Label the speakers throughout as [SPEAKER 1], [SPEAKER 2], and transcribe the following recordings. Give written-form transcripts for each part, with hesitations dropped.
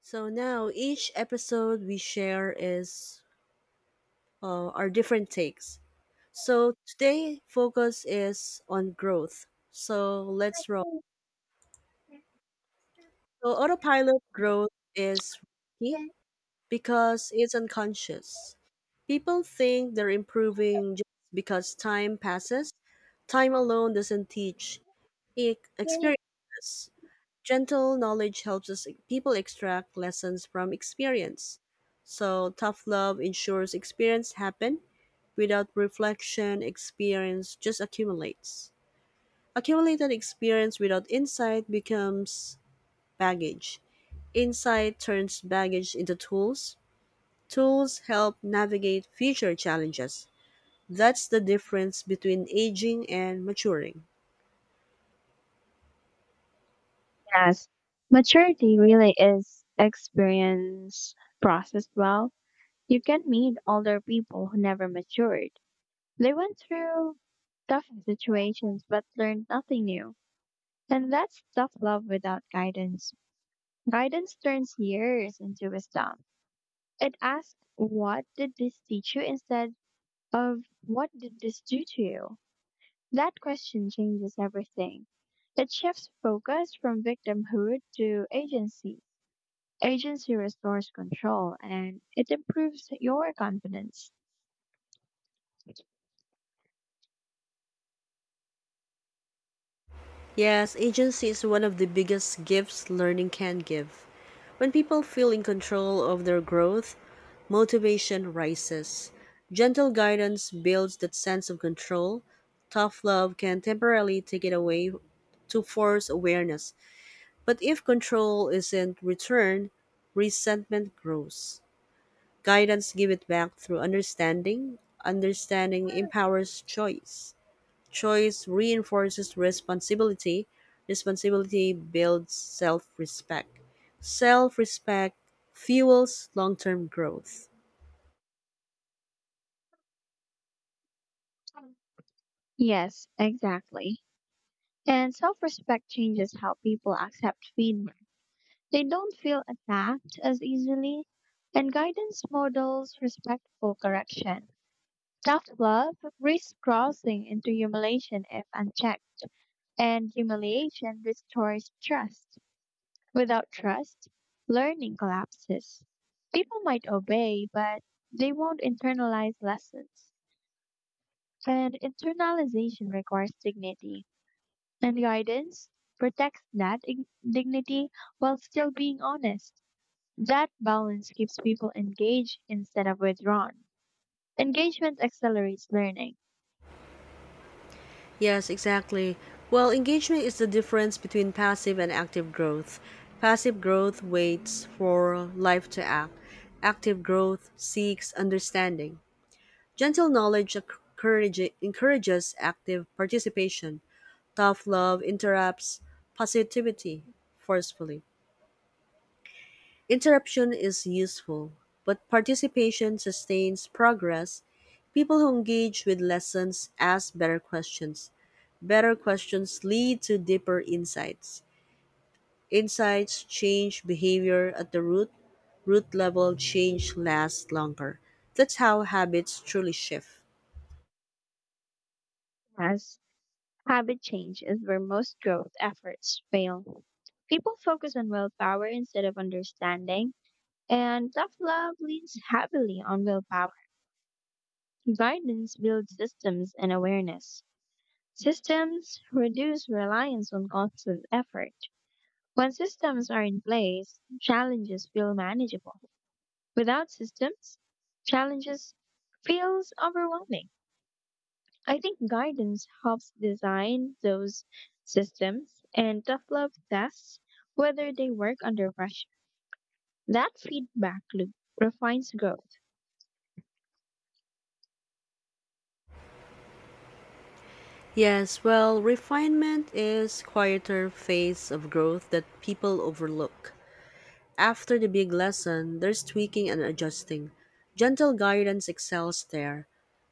[SPEAKER 1] So now each episode we share is our different takes. So today focus is on growth. So let's roll. So autopilot growth is risky because it's unconscious. People think they're improving just because time passes. Time alone doesn't teach experiences. Gentle knowledge helps us people extract lessons from experience. So tough love ensures experience happen. Without reflection, experience just accumulates. Accumulated experience without insight becomes baggage. Insight turns baggage into tools. Tools help navigate future challenges. That's the difference between aging and maturing.
[SPEAKER 2] Yes, maturity really is experience processed well. You can meet older people who never matured. They went through tough situations but learned nothing new. And that's tough love without guidance. Guidance turns years into wisdom. It asks, what did this teach you instead of what did this do to you? That question changes everything. It shifts focus from victimhood to agency. Agency restores control and it improves your confidence.
[SPEAKER 1] Yes, agency is one of the biggest gifts learning can give. When people feel in control of their growth, motivation rises. Gentle guidance builds that sense of control. Tough love can temporarily take it away to force awareness. But if control isn't returned, resentment grows. Guidance gives it back through understanding. Understanding empowers choice. Choice reinforces responsibility. Responsibility builds self respect. Self respect fuels long term growth.
[SPEAKER 2] Yes, exactly. And self respect changes how people accept feedback. They don't feel attacked as easily, and guidance models respectful correction. Tough love risks crossing into humiliation if unchecked, and humiliation restores trust. Without trust, learning collapses. People might obey, but they won't internalize lessons. And internalization requires dignity. And guidance protects that dignity while still being honest. That balance keeps people engaged instead of withdrawn. Engagement accelerates learning,
[SPEAKER 1] Yes, exactly. Well, engagement is the difference between passive and active growth. Passive growth waits for life to act, active growth seeks understanding. Gentle knowledge encourages active participation. Tough love interrupts positivity forcefully. Interruption is useful, but participation sustains progress. People who engage with lessons ask better questions. Better questions lead to deeper insights. Insights change behavior at the root. Root level change lasts longer. That's how habits truly shift.
[SPEAKER 2] as habit change is where most growth efforts fail. People focus on willpower instead of understanding. And tough love leans heavily on willpower. Guidance builds systems and awareness. Systems reduce reliance on constant effort. When systems are in place, challenges feel manageable. Without systems, challenges feels overwhelming. I think guidance helps design those systems and tough love tests whether they work under pressure. That feedback loop refines growth.
[SPEAKER 1] Yes, well, refinement is quieter phase of growth that people overlook. After the big lesson, there's tweaking and adjusting. Gentle guidance excels there.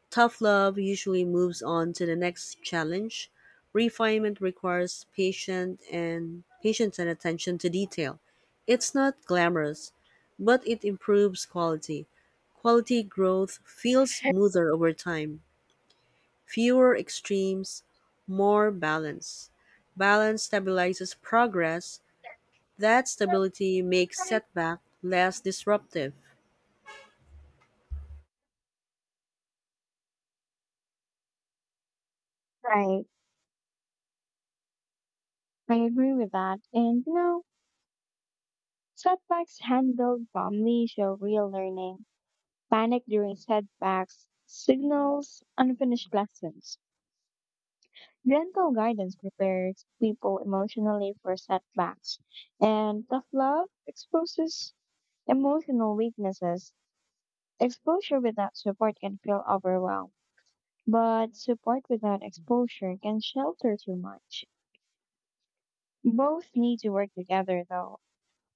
[SPEAKER 1] Tough love usually moves on to the next challenge. Refinement requires patient and patience and attention to detail. It's not glamorous, but it improves quality. Quality growth feels smoother over time. Fewer extremes, more balance. Balance stabilizes progress, that stability makes setback less disruptive.
[SPEAKER 2] Right. I agree with that. And you know, setbacks handled calmly show real learning. Panic during setbacks signals unfinished lessons. Gentle guidance prepares people emotionally for setbacks. And tough love exposes emotional weaknesses. Exposure without support can feel overwhelmed, but support without exposure can shelter too much. Both need to work together though.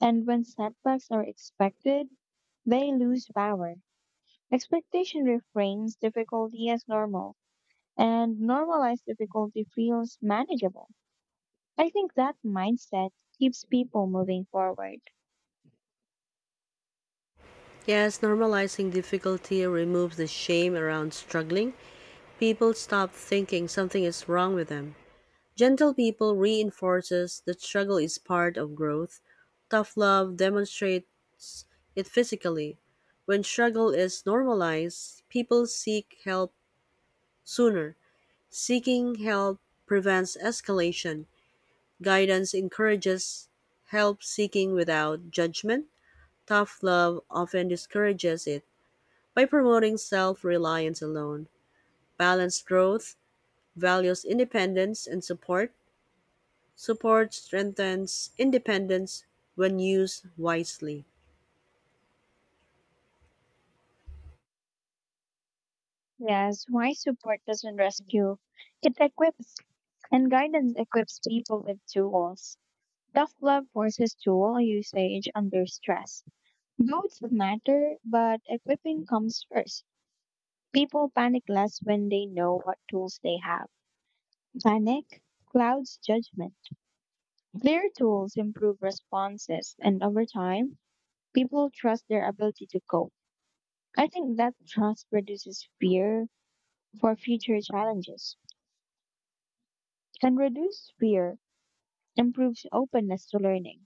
[SPEAKER 2] And when setbacks are expected, they lose power. Expectation reframes difficulty as normal, and normalized difficulty feels manageable. I think that mindset keeps people moving forward.
[SPEAKER 1] Yes, normalizing difficulty removes the shame around struggling. People stop thinking something is wrong with them. Gentle people reinforces that struggle is part of growth. Tough love demonstrates it physically. When struggle is normalized, people seek help sooner. Seeking help prevents escalation. Guidance encourages help seeking without judgment. Tough love often discourages it by promoting self reliance alone. Balanced growth values independence and support. Support strengthens independence when used wisely.
[SPEAKER 2] Yes, why support doesn't rescue, it equips, and guidance equips people with tools. Tough love forces tool usage under stress. Both matter, but equipping comes first. People panic less when they know what tools they have. Panic clouds judgment. Clear tools improve responses, and over time, people trust their ability to cope. I think that trust reduces fear for future challenges. And reduced fear improves openness to learning.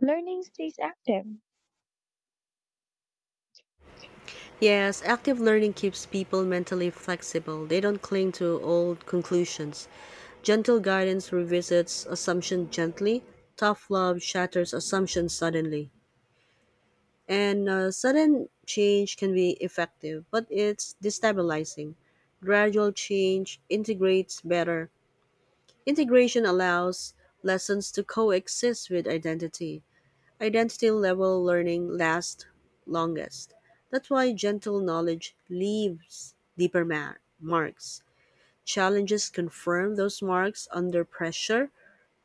[SPEAKER 2] Learning stays active,
[SPEAKER 1] Yes, active learning keeps people mentally flexible. They don't cling to old conclusions. Gentle guidance revisits assumption gently. Tough love shatters assumptions suddenly. And Sudden change can be effective, but it's destabilizing. Gradual change integrates better. Integration allows lessons to coexist with identity. Identity level learning lasts longest. That's why gentle knowledge leaves deeper marks. Challenges confirm those marks under pressure.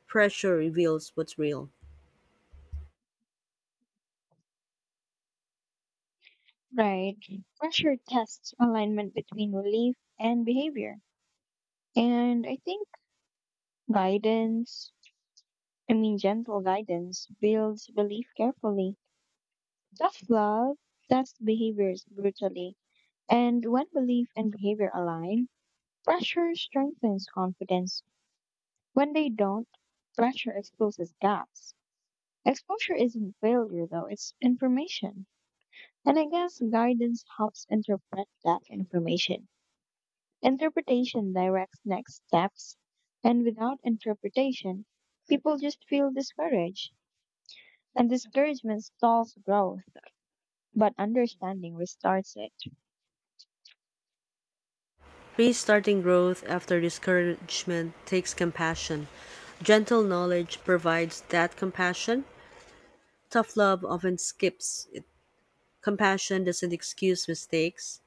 [SPEAKER 1] Pressure reveals what's real.
[SPEAKER 2] right? Pressure tests alignment between relief and behavior. And I think guidance, I mean, gentle guidance builds belief carefully. Tough love tests behaviors brutally. And when belief and behavior align, pressure strengthens confidence. When they don't, pressure exposes gaps. Exposure isn't failure, though, it's information. And I guess guidance helps interpret that information. Interpretation directs next steps. And without interpretation, people just feel discouraged. And discouragement stalls growth, but understanding restarts it.
[SPEAKER 1] Restarting growth after discouragement takes compassion. Gentle knowledge provides that compassion. Tough love often skips it. Compassion doesn't excuse mistakes,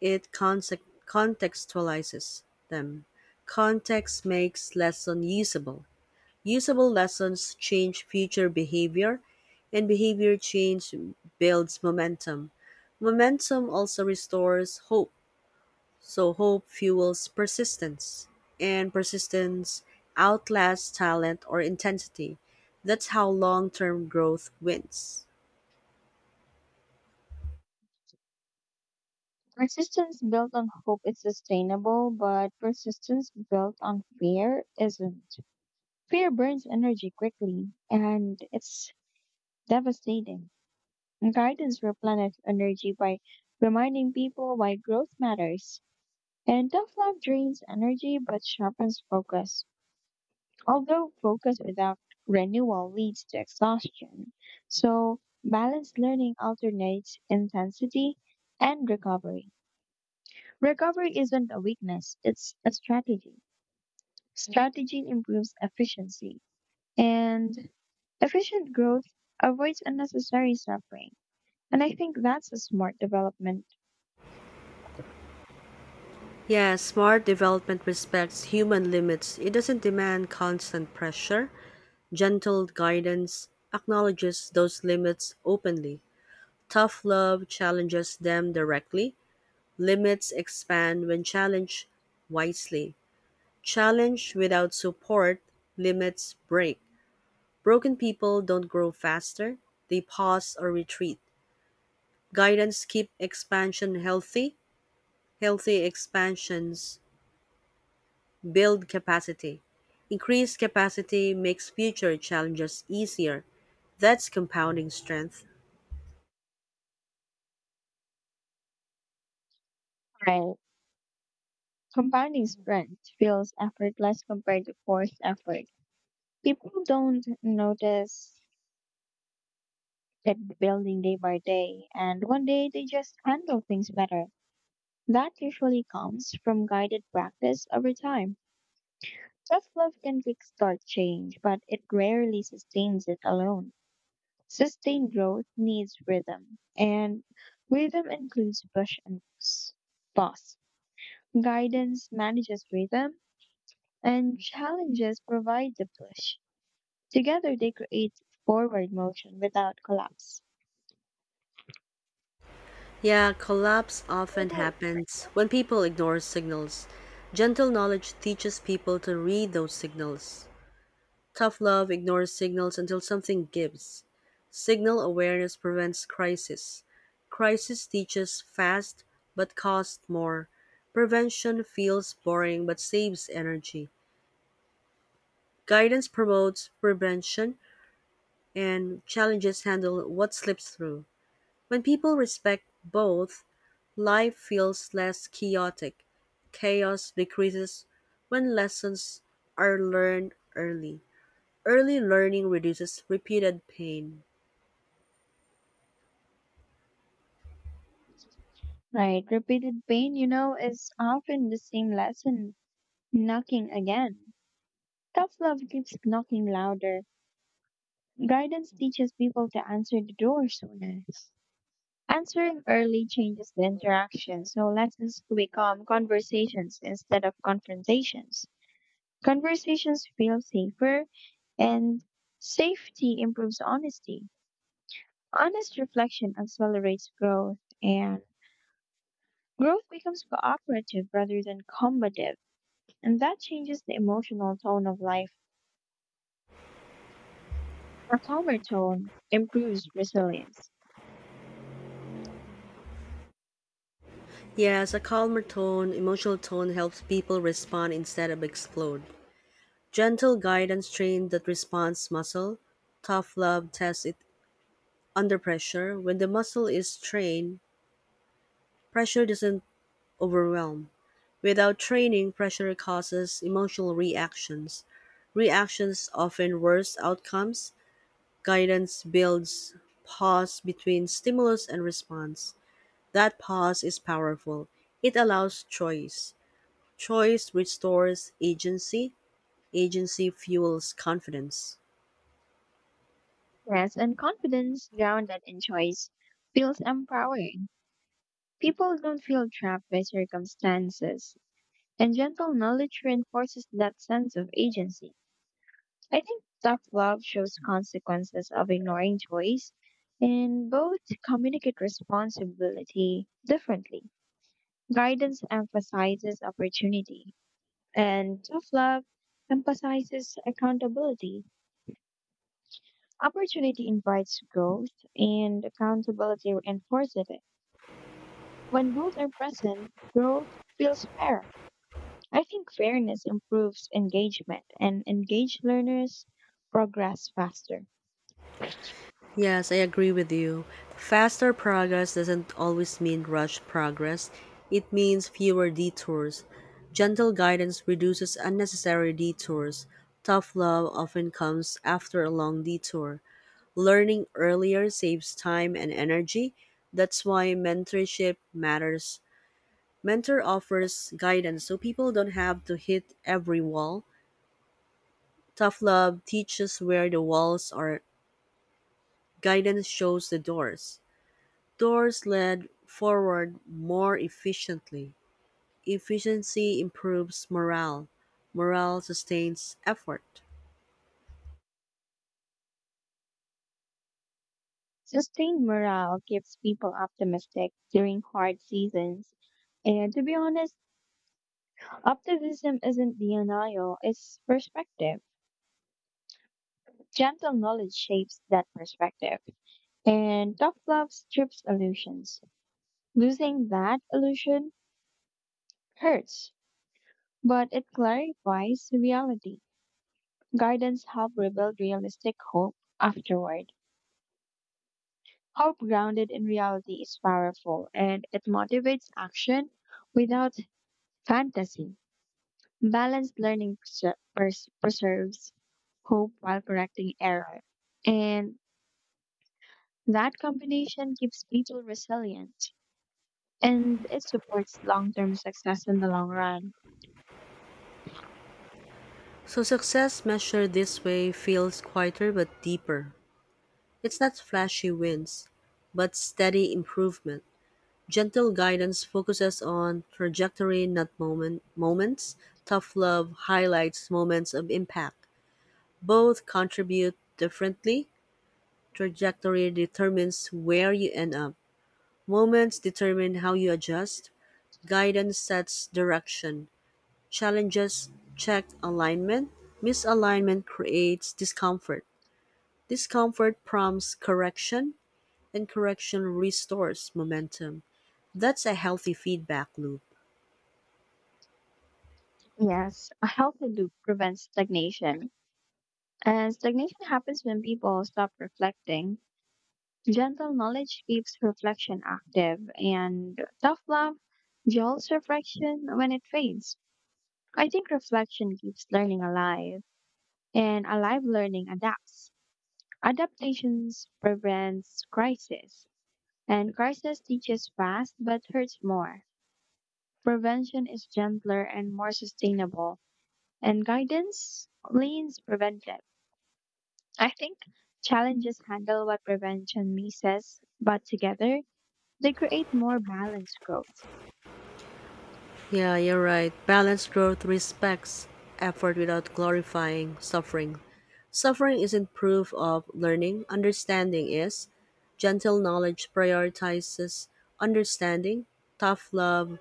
[SPEAKER 1] it contextualizes them. Context makes lesson usable. Usable lessons change future behavior, and behavior change builds momentum. Momentum also restores hope. So hope fuels persistence, and persistence outlasts talent or intensity. That's how long term growth wins.
[SPEAKER 2] Persistence built on hope is sustainable, but persistence built on fear isn't. Fear burns energy quickly, and it's devastating. Guidance replenishes energy by reminding people why growth matters. And tough love drains energy but sharpens focus. Although focus without renewal leads to exhaustion. So, balanced learning alternates intensity and recovery. Recovery isn't a weakness, it's a strategy. Strategy improves efficiency, and efficient growth avoids unnecessary suffering. And I think that's a smart development.
[SPEAKER 1] Yeah, smart development respects human limits. It doesn't demand constant pressure. Gentle guidance acknowledges those limits openly. Tough love challenges them directly. Limits expand when challenged wisely. Challenge without support, limits break. Broken people don't grow faster, they pause or retreat. Guidance keep expansion healthy, healthy expansions build capacity. Increased capacity makes future challenges easier. That's compounding strength.
[SPEAKER 2] Right. Compounding strength feels effortless compared to forced effort. People don't notice it building day by day, and one day they just handle things better. That usually comes from guided practice over time. Self love can kickstart change, but it rarely sustains it alone. Sustained growth needs rhythm, and rhythm includes push and pause. Guidance manages rhythm, and challenges provide the push. Together, they create forward motion without collapse.
[SPEAKER 1] Yeah, collapse often happens when people ignore signals. Gentle knowledge teaches people to read those signals. Tough love ignores signals until something gives. Signal awareness prevents crisis. Crisis teaches fast but costs more. Prevention feels boring but saves energy. Guidance promotes prevention and challenges handle what slips through. When people respect both, life feels less chaotic. Chaos decreases when lessons are learned early. Early learning reduces repeated pain.
[SPEAKER 2] Right, repeated pain, you know, is often the same lesson knocking again. Tough love keeps knocking louder. Guidance teaches people to answer the door sooner. Answering early changes the interaction, so lessons become conversations instead of confrontations. Conversations feel safer, and safety improves honesty. Honest reflection accelerates growth, and growth becomes cooperative rather than combative, and that changes the emotional tone of life. A calmer tone improves resilience.
[SPEAKER 1] Yes, a calmer tone, emotional tone helps people respond instead of explode. Gentle guidance trains that response muscle. Tough love tests it under pressure. When the muscle is trained, pressure doesn't overwhelm. Without training, pressure causes emotional reactions. Reactions often worse outcomes. Guidance builds pause between stimulus and response. That pause is powerful. It allows choice. Choice restores agency, agency fuels confidence.
[SPEAKER 2] Yes, and confidence grounded in choice feels empowering. People don't feel trapped by circumstances, and gentle knowledge reinforces that sense of agency. I think tough love shows consequences of ignoring choice, and both communicate responsibility differently. Guidance emphasizes opportunity, and tough love emphasizes accountability. Opportunity invites growth, and accountability reinforces it. When both are present, growth feels fair. I think fairness improves engagement, and engaged learners progress faster.
[SPEAKER 1] Yes, I agree with you. Faster progress doesn't always mean rushed progress, it means fewer detours. Gentle guidance reduces unnecessary detours. Tough love often comes after a long detour. Learning earlier saves time and energy. That's why mentorship matters. Mentor offers guidance so people don't have to hit every wall. Tough Love teaches where the walls are, guidance shows the doors. Doors lead forward more efficiently. Efficiency improves morale. Morale sustains effort.
[SPEAKER 2] Sustained morale keeps people optimistic during hard seasons. And to be honest, optimism isn't denial, it's perspective. Gentle knowledge shapes that perspective. And tough love strips illusions. Losing that illusion hurts, but it clarifies reality. Gardens help rebuild realistic hope afterward. Hope grounded in reality is powerful and it motivates action without fantasy. Balanced learning preserves hope while correcting error. And that combination keeps people resilient and it supports long term success in the long run.
[SPEAKER 1] So success measured this way feels quieter but deeper. It's not flashy wins, but steady improvement. Gentle guidance focuses on trajectory, not moments. Tough love highlights moments of impact. Both contribute differently; trajectory determines where you end up, moments determine how you adjust, guidance sets direction, challenges check alignment, misalignment creates discomfort, discomfort prompts correction, and correction restores momentum. That's a healthy feedback loop.
[SPEAKER 2] Yes, a healthy loop prevents stagnation. And stagnation happens when people stop reflecting. Gentle knowledge keeps reflection active, and tough love jolts reflection when it fades. I think reflection keeps learning alive, and alive learning adapts. Adaptations prevents crisis, and crisis teaches fast but hurts more. Prevention is gentler and more sustainable, and guidance leans preventive. I think challenges handle what prevention misses, but together they create more balanced growth.
[SPEAKER 1] Yeah, you're right. Balanced growth respects effort without glorifying suffering. Suffering isn't proof of learning, understanding is. Gentle knowledge prioritizes understanding, tough love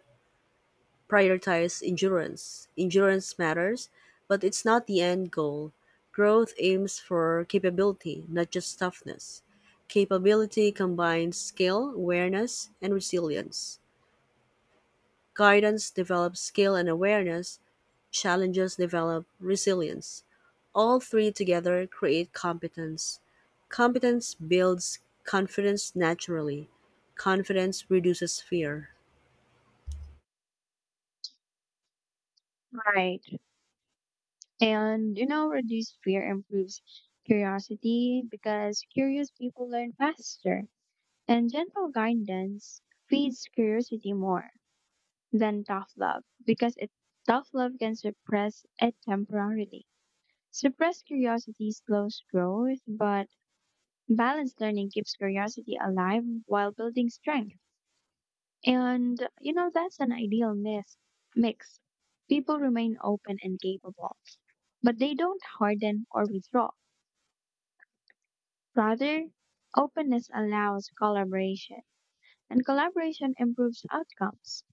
[SPEAKER 1] prioritizes endurance. Endurance matters, but it's not the end goal. Growth aims for capability, not just toughness. Capability combines skill, awareness, and resilience. Guidance develops skill and awareness, challenges develop resilience. All three together create competence. Competence builds confidence naturally. Confidence reduces fear.
[SPEAKER 2] Right. And, you know, reduced fear improves curiosity because curious people learn faster. And gentle guidance feeds curiosity more than tough love because tough love can suppress it temporarily. Suppressed curiosity slows growth, but balanced learning keeps curiosity alive while building strength. And, you know, that's an ideal mix. People remain open and capable but they don't harden or withdraw. Rather, openness allows collaboration, and collaboration improves outcomes.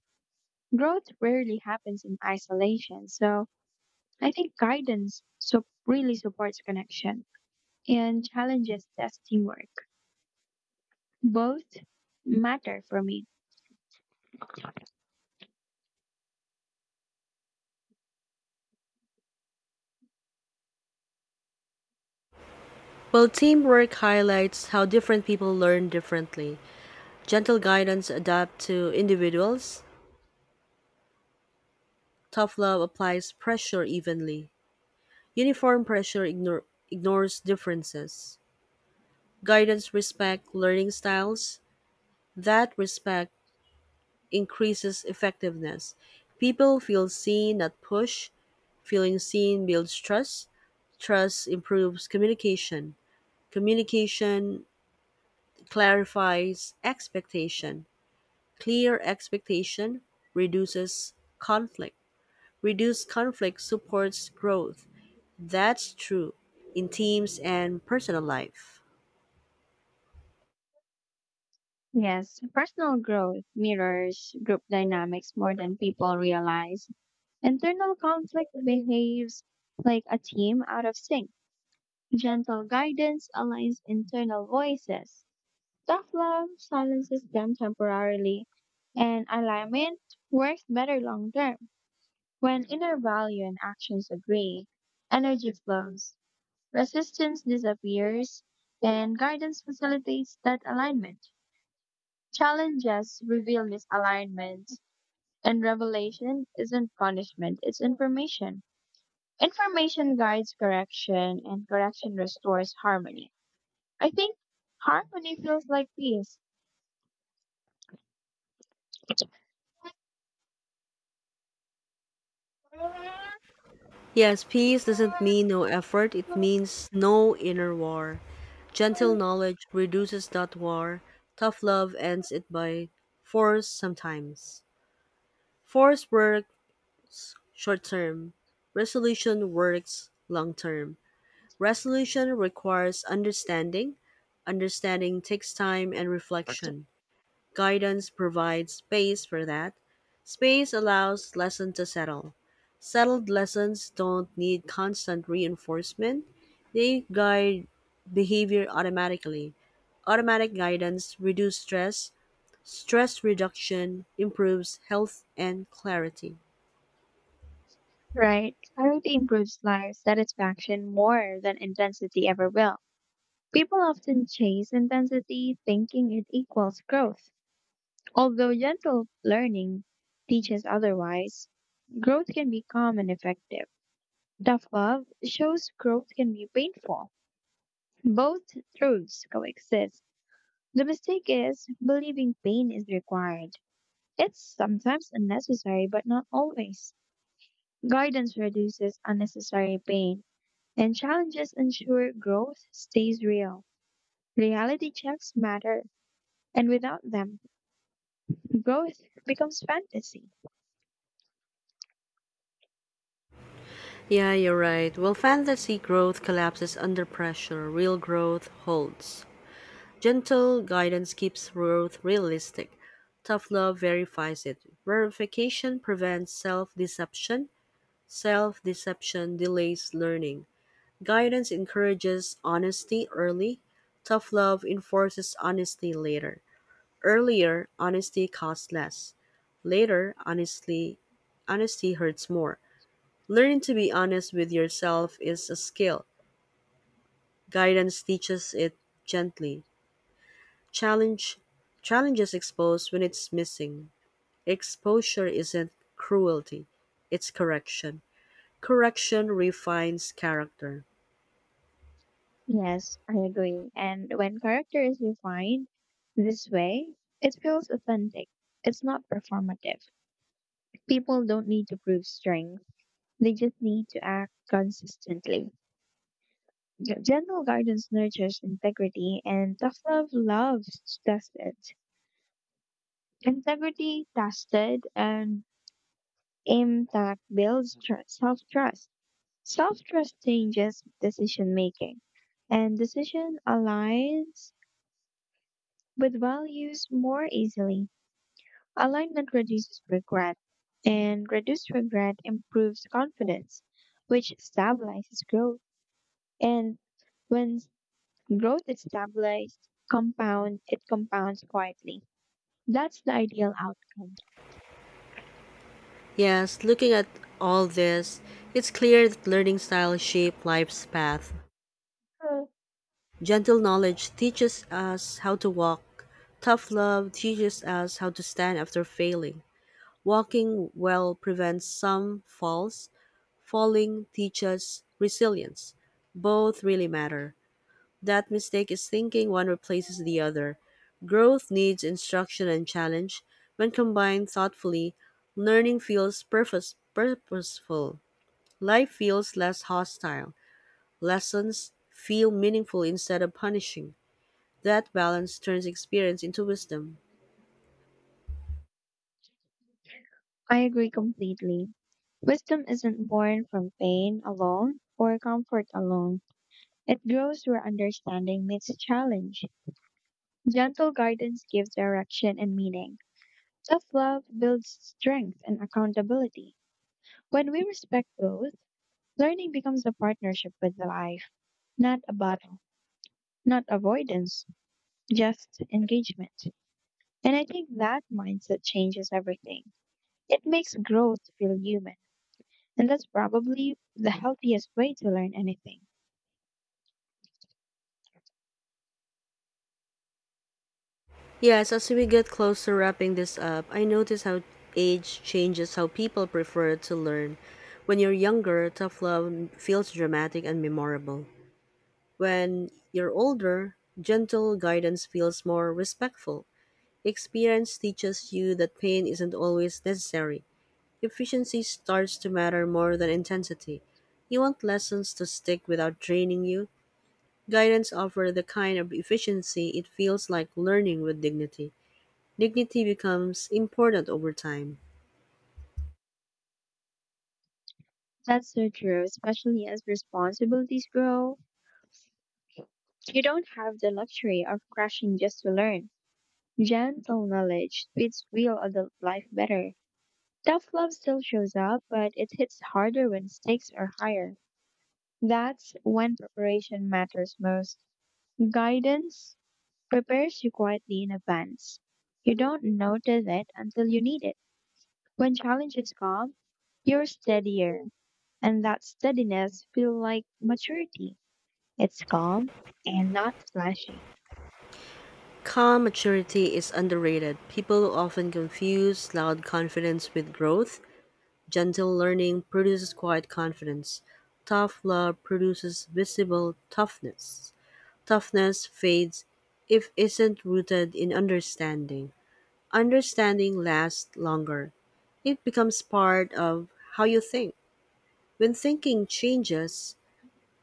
[SPEAKER 2] Growth rarely happens in isolation, so I think guidance really supports connection and challenges test teamwork. Both matter for me.
[SPEAKER 1] Well, teamwork highlights how different people learn differently. Gentle guidance adapts to individuals. Tough love applies pressure evenly. Uniform pressure ignore, ignores differences. Guidance respects learning styles. That respect increases effectiveness. People feel seen, not pushed. Feeling seen builds trust. Trust improves communication. Communication clarifies expectation. Clear expectation reduces conflict. Reduced conflict supports growth. That's true in teams and personal life.
[SPEAKER 2] Yes, personal growth mirrors group dynamics more than people realize. Internal conflict behaves like a team out of sync. Gentle guidance aligns internal voices. Tough love silences them temporarily, and alignment works better long term. When inner value and actions agree, energy flows, resistance disappears, and guidance facilitates that alignment. Challenges reveal misalignments, and revelation isn't punishment, it's information. Information guides correction, and correction restores harmony. I think harmony feels like peace.
[SPEAKER 1] Yes, peace doesn't mean no effort, it means no inner war. Gentle knowledge reduces that war, tough love ends it by force sometimes. Force work short term, resolution works long term. Resolution requires understanding, understanding takes time and reflection. Guidance provides space for that. Space allows lesson to settle. Settled lessons don't need constant reinforcement. They guide behavior automatically. Automatic guidance reduces stress. Stress reduction improves health and clarity.
[SPEAKER 2] Right. Clarity improves life satisfaction more than intensity ever will. People often chase intensity thinking it equals growth. Although gentle learning teaches otherwise, growth can be calm and effective. Tough love shows growth can be painful. Both truths coexist. The mistake is believing pain is required. It's sometimes unnecessary, but not always. Guidance reduces unnecessary pain, and challenges ensure growth stays real. Reality checks matter, and without them, growth becomes fantasy.
[SPEAKER 1] Yeah, you're right. Well, fantasy growth collapses under pressure. Real growth holds. Gentle guidance keeps growth realistic. Tough love verifies it. Verification prevents self deception. Self deception delays learning. Guidance encourages honesty early. Tough love enforces honesty later. Earlier, honesty costs less. Later, honesty hurts more. Learning to be honest with yourself is a skill. Guidance teaches it gently. Challenge Challenge is exposed when it's missing. Exposure isn't cruelty, it's correction. Correction refines character.
[SPEAKER 2] Yes, I agree. And when character is refined this way, it feels authentic. It's not performative. People don't need to prove strength, they just need to act consistently. Gentle guidance nurtures integrity, and tough love loves tested. Integrity tested and impact builds self trust. Self trust changes decision making, and decision aligns with values more easily. Alignment reduces regret, and reduced regret improves confidence, which stabilizes growth. And when growth is stabilized, it compounds quietly. That's the ideal outcome.
[SPEAKER 1] Yes, looking at all this, it's clear that learning style shape life's path.
[SPEAKER 2] So,
[SPEAKER 1] Gentle knowledge teaches us how to walk. Tough love teaches us how to stand after failing. Walking well prevents some falls. Falling teaches resilience. Both really matter. That mistake is thinking one replaces the other. Growth needs instruction and challenge. When combined thoughtfully, purposeful. Life feels less hostile. Lessons feel meaningful instead of punishing. That balance turns experience into wisdom.
[SPEAKER 2] I agree completely. Wisdom isn't born from pain alone or comfort alone. It grows where understanding meets challenge. Gentle guidance gives direction and meaning. Self love builds strength and accountability. When we respect growth, learning becomes a partnership with life, not a battle, not avoidance, just engagement. And I think that mindset changes everything. It makes growth feel human. And that's probably the healthiest way to learn anything.
[SPEAKER 1] Yes, as we get closer wrapping this up, I notice how age changes how people prefer to learn. When you're younger, tough love feels dramatic and memorable. When you're older, gentle guidance feels more respectful. Experience teaches you that pain isn't always necessary. Efficiency starts to matter more than intensity. You want lessons to stick without draining you. Guidance offers the kind of efficiency it feels like learning with dignity. Dignity becomes important over time.
[SPEAKER 2] That's so true, especially as responsibilities grow. You don't have the luxury of crashing just to learn. Gentle knowledge fits real adult life better. Tough love still shows up, but it hits harder when stakes are higher. That's when preparation matters most. Guidance prepares you quietly in advance. You don't notice it until you need it. When challenges come, you're steadier, and that steadiness feels like maturity. It's calm and not flashy.
[SPEAKER 1] Calm maturity is underrated. People often confuse loud confidence with growth. Gentle learning produces quiet confidence. Tough love produces visible toughness. Toughness fades if isn't rooted in understanding. Understanding lasts longer. It becomes part of how you think. When thinking changes,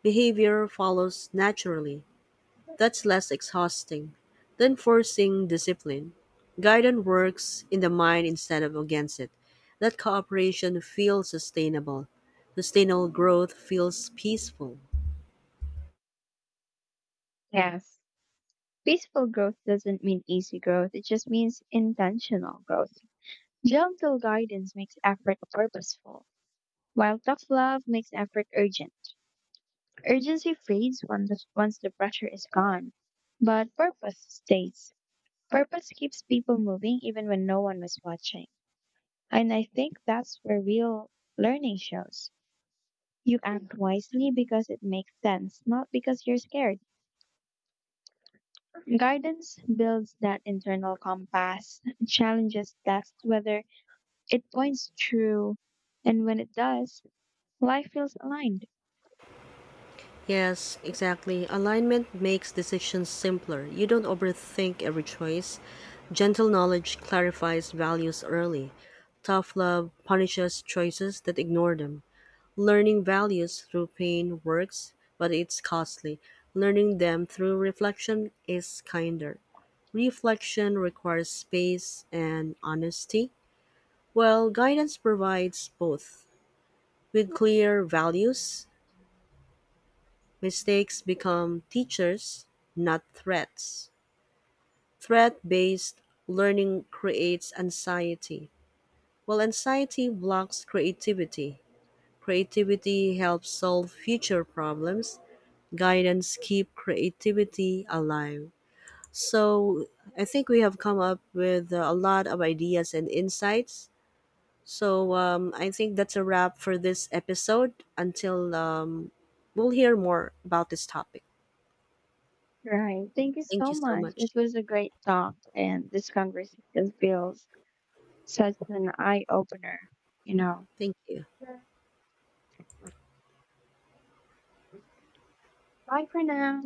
[SPEAKER 1] behavior follows naturally. That's less exhausting than forcing discipline. Guidance works in the mind instead of against it. That cooperation feels sustainable. Sustainable growth feels peaceful.
[SPEAKER 2] Yes. Peaceful growth doesn't mean easy growth, it just means intentional growth. Gentle guidance makes effort purposeful, while tough love makes effort urgent. Urgency fades when once the pressure is gone, but purpose stays. Purpose keeps people moving even when no one was watching. And I think that's where real learning shows. You act wisely because it makes sense, not because you're scared. Guidance builds that internal compass, challenges tests whether it points true, and when it does, life feels aligned.
[SPEAKER 1] Yes, exactly. Alignment makes decisions simpler. You don't overthink every choice. Gentle knowledge clarifies values early. Tough love punishes choices that ignore them. Learning values through pain works, but it's costly. Learning them through reflection is kinder. Reflection requires space and honesty, while guidance provides both. With clear values, mistakes become teachers, not threats. Threat based learning creates anxiety, while anxiety blocks creativity. Creativity helps solve future problems, guidance keep creativity alive. So I think we have come up with a lot of ideas and insights. So I think that's a wrap for this episode. Until we'll hear more about this topic.
[SPEAKER 2] Right. Thank you
[SPEAKER 1] Thank
[SPEAKER 2] so
[SPEAKER 1] you so
[SPEAKER 2] much.
[SPEAKER 1] much.
[SPEAKER 2] It was a great talk, and this conversation feels such an eye opener, you know.
[SPEAKER 1] Thank you.
[SPEAKER 2] Bye for now.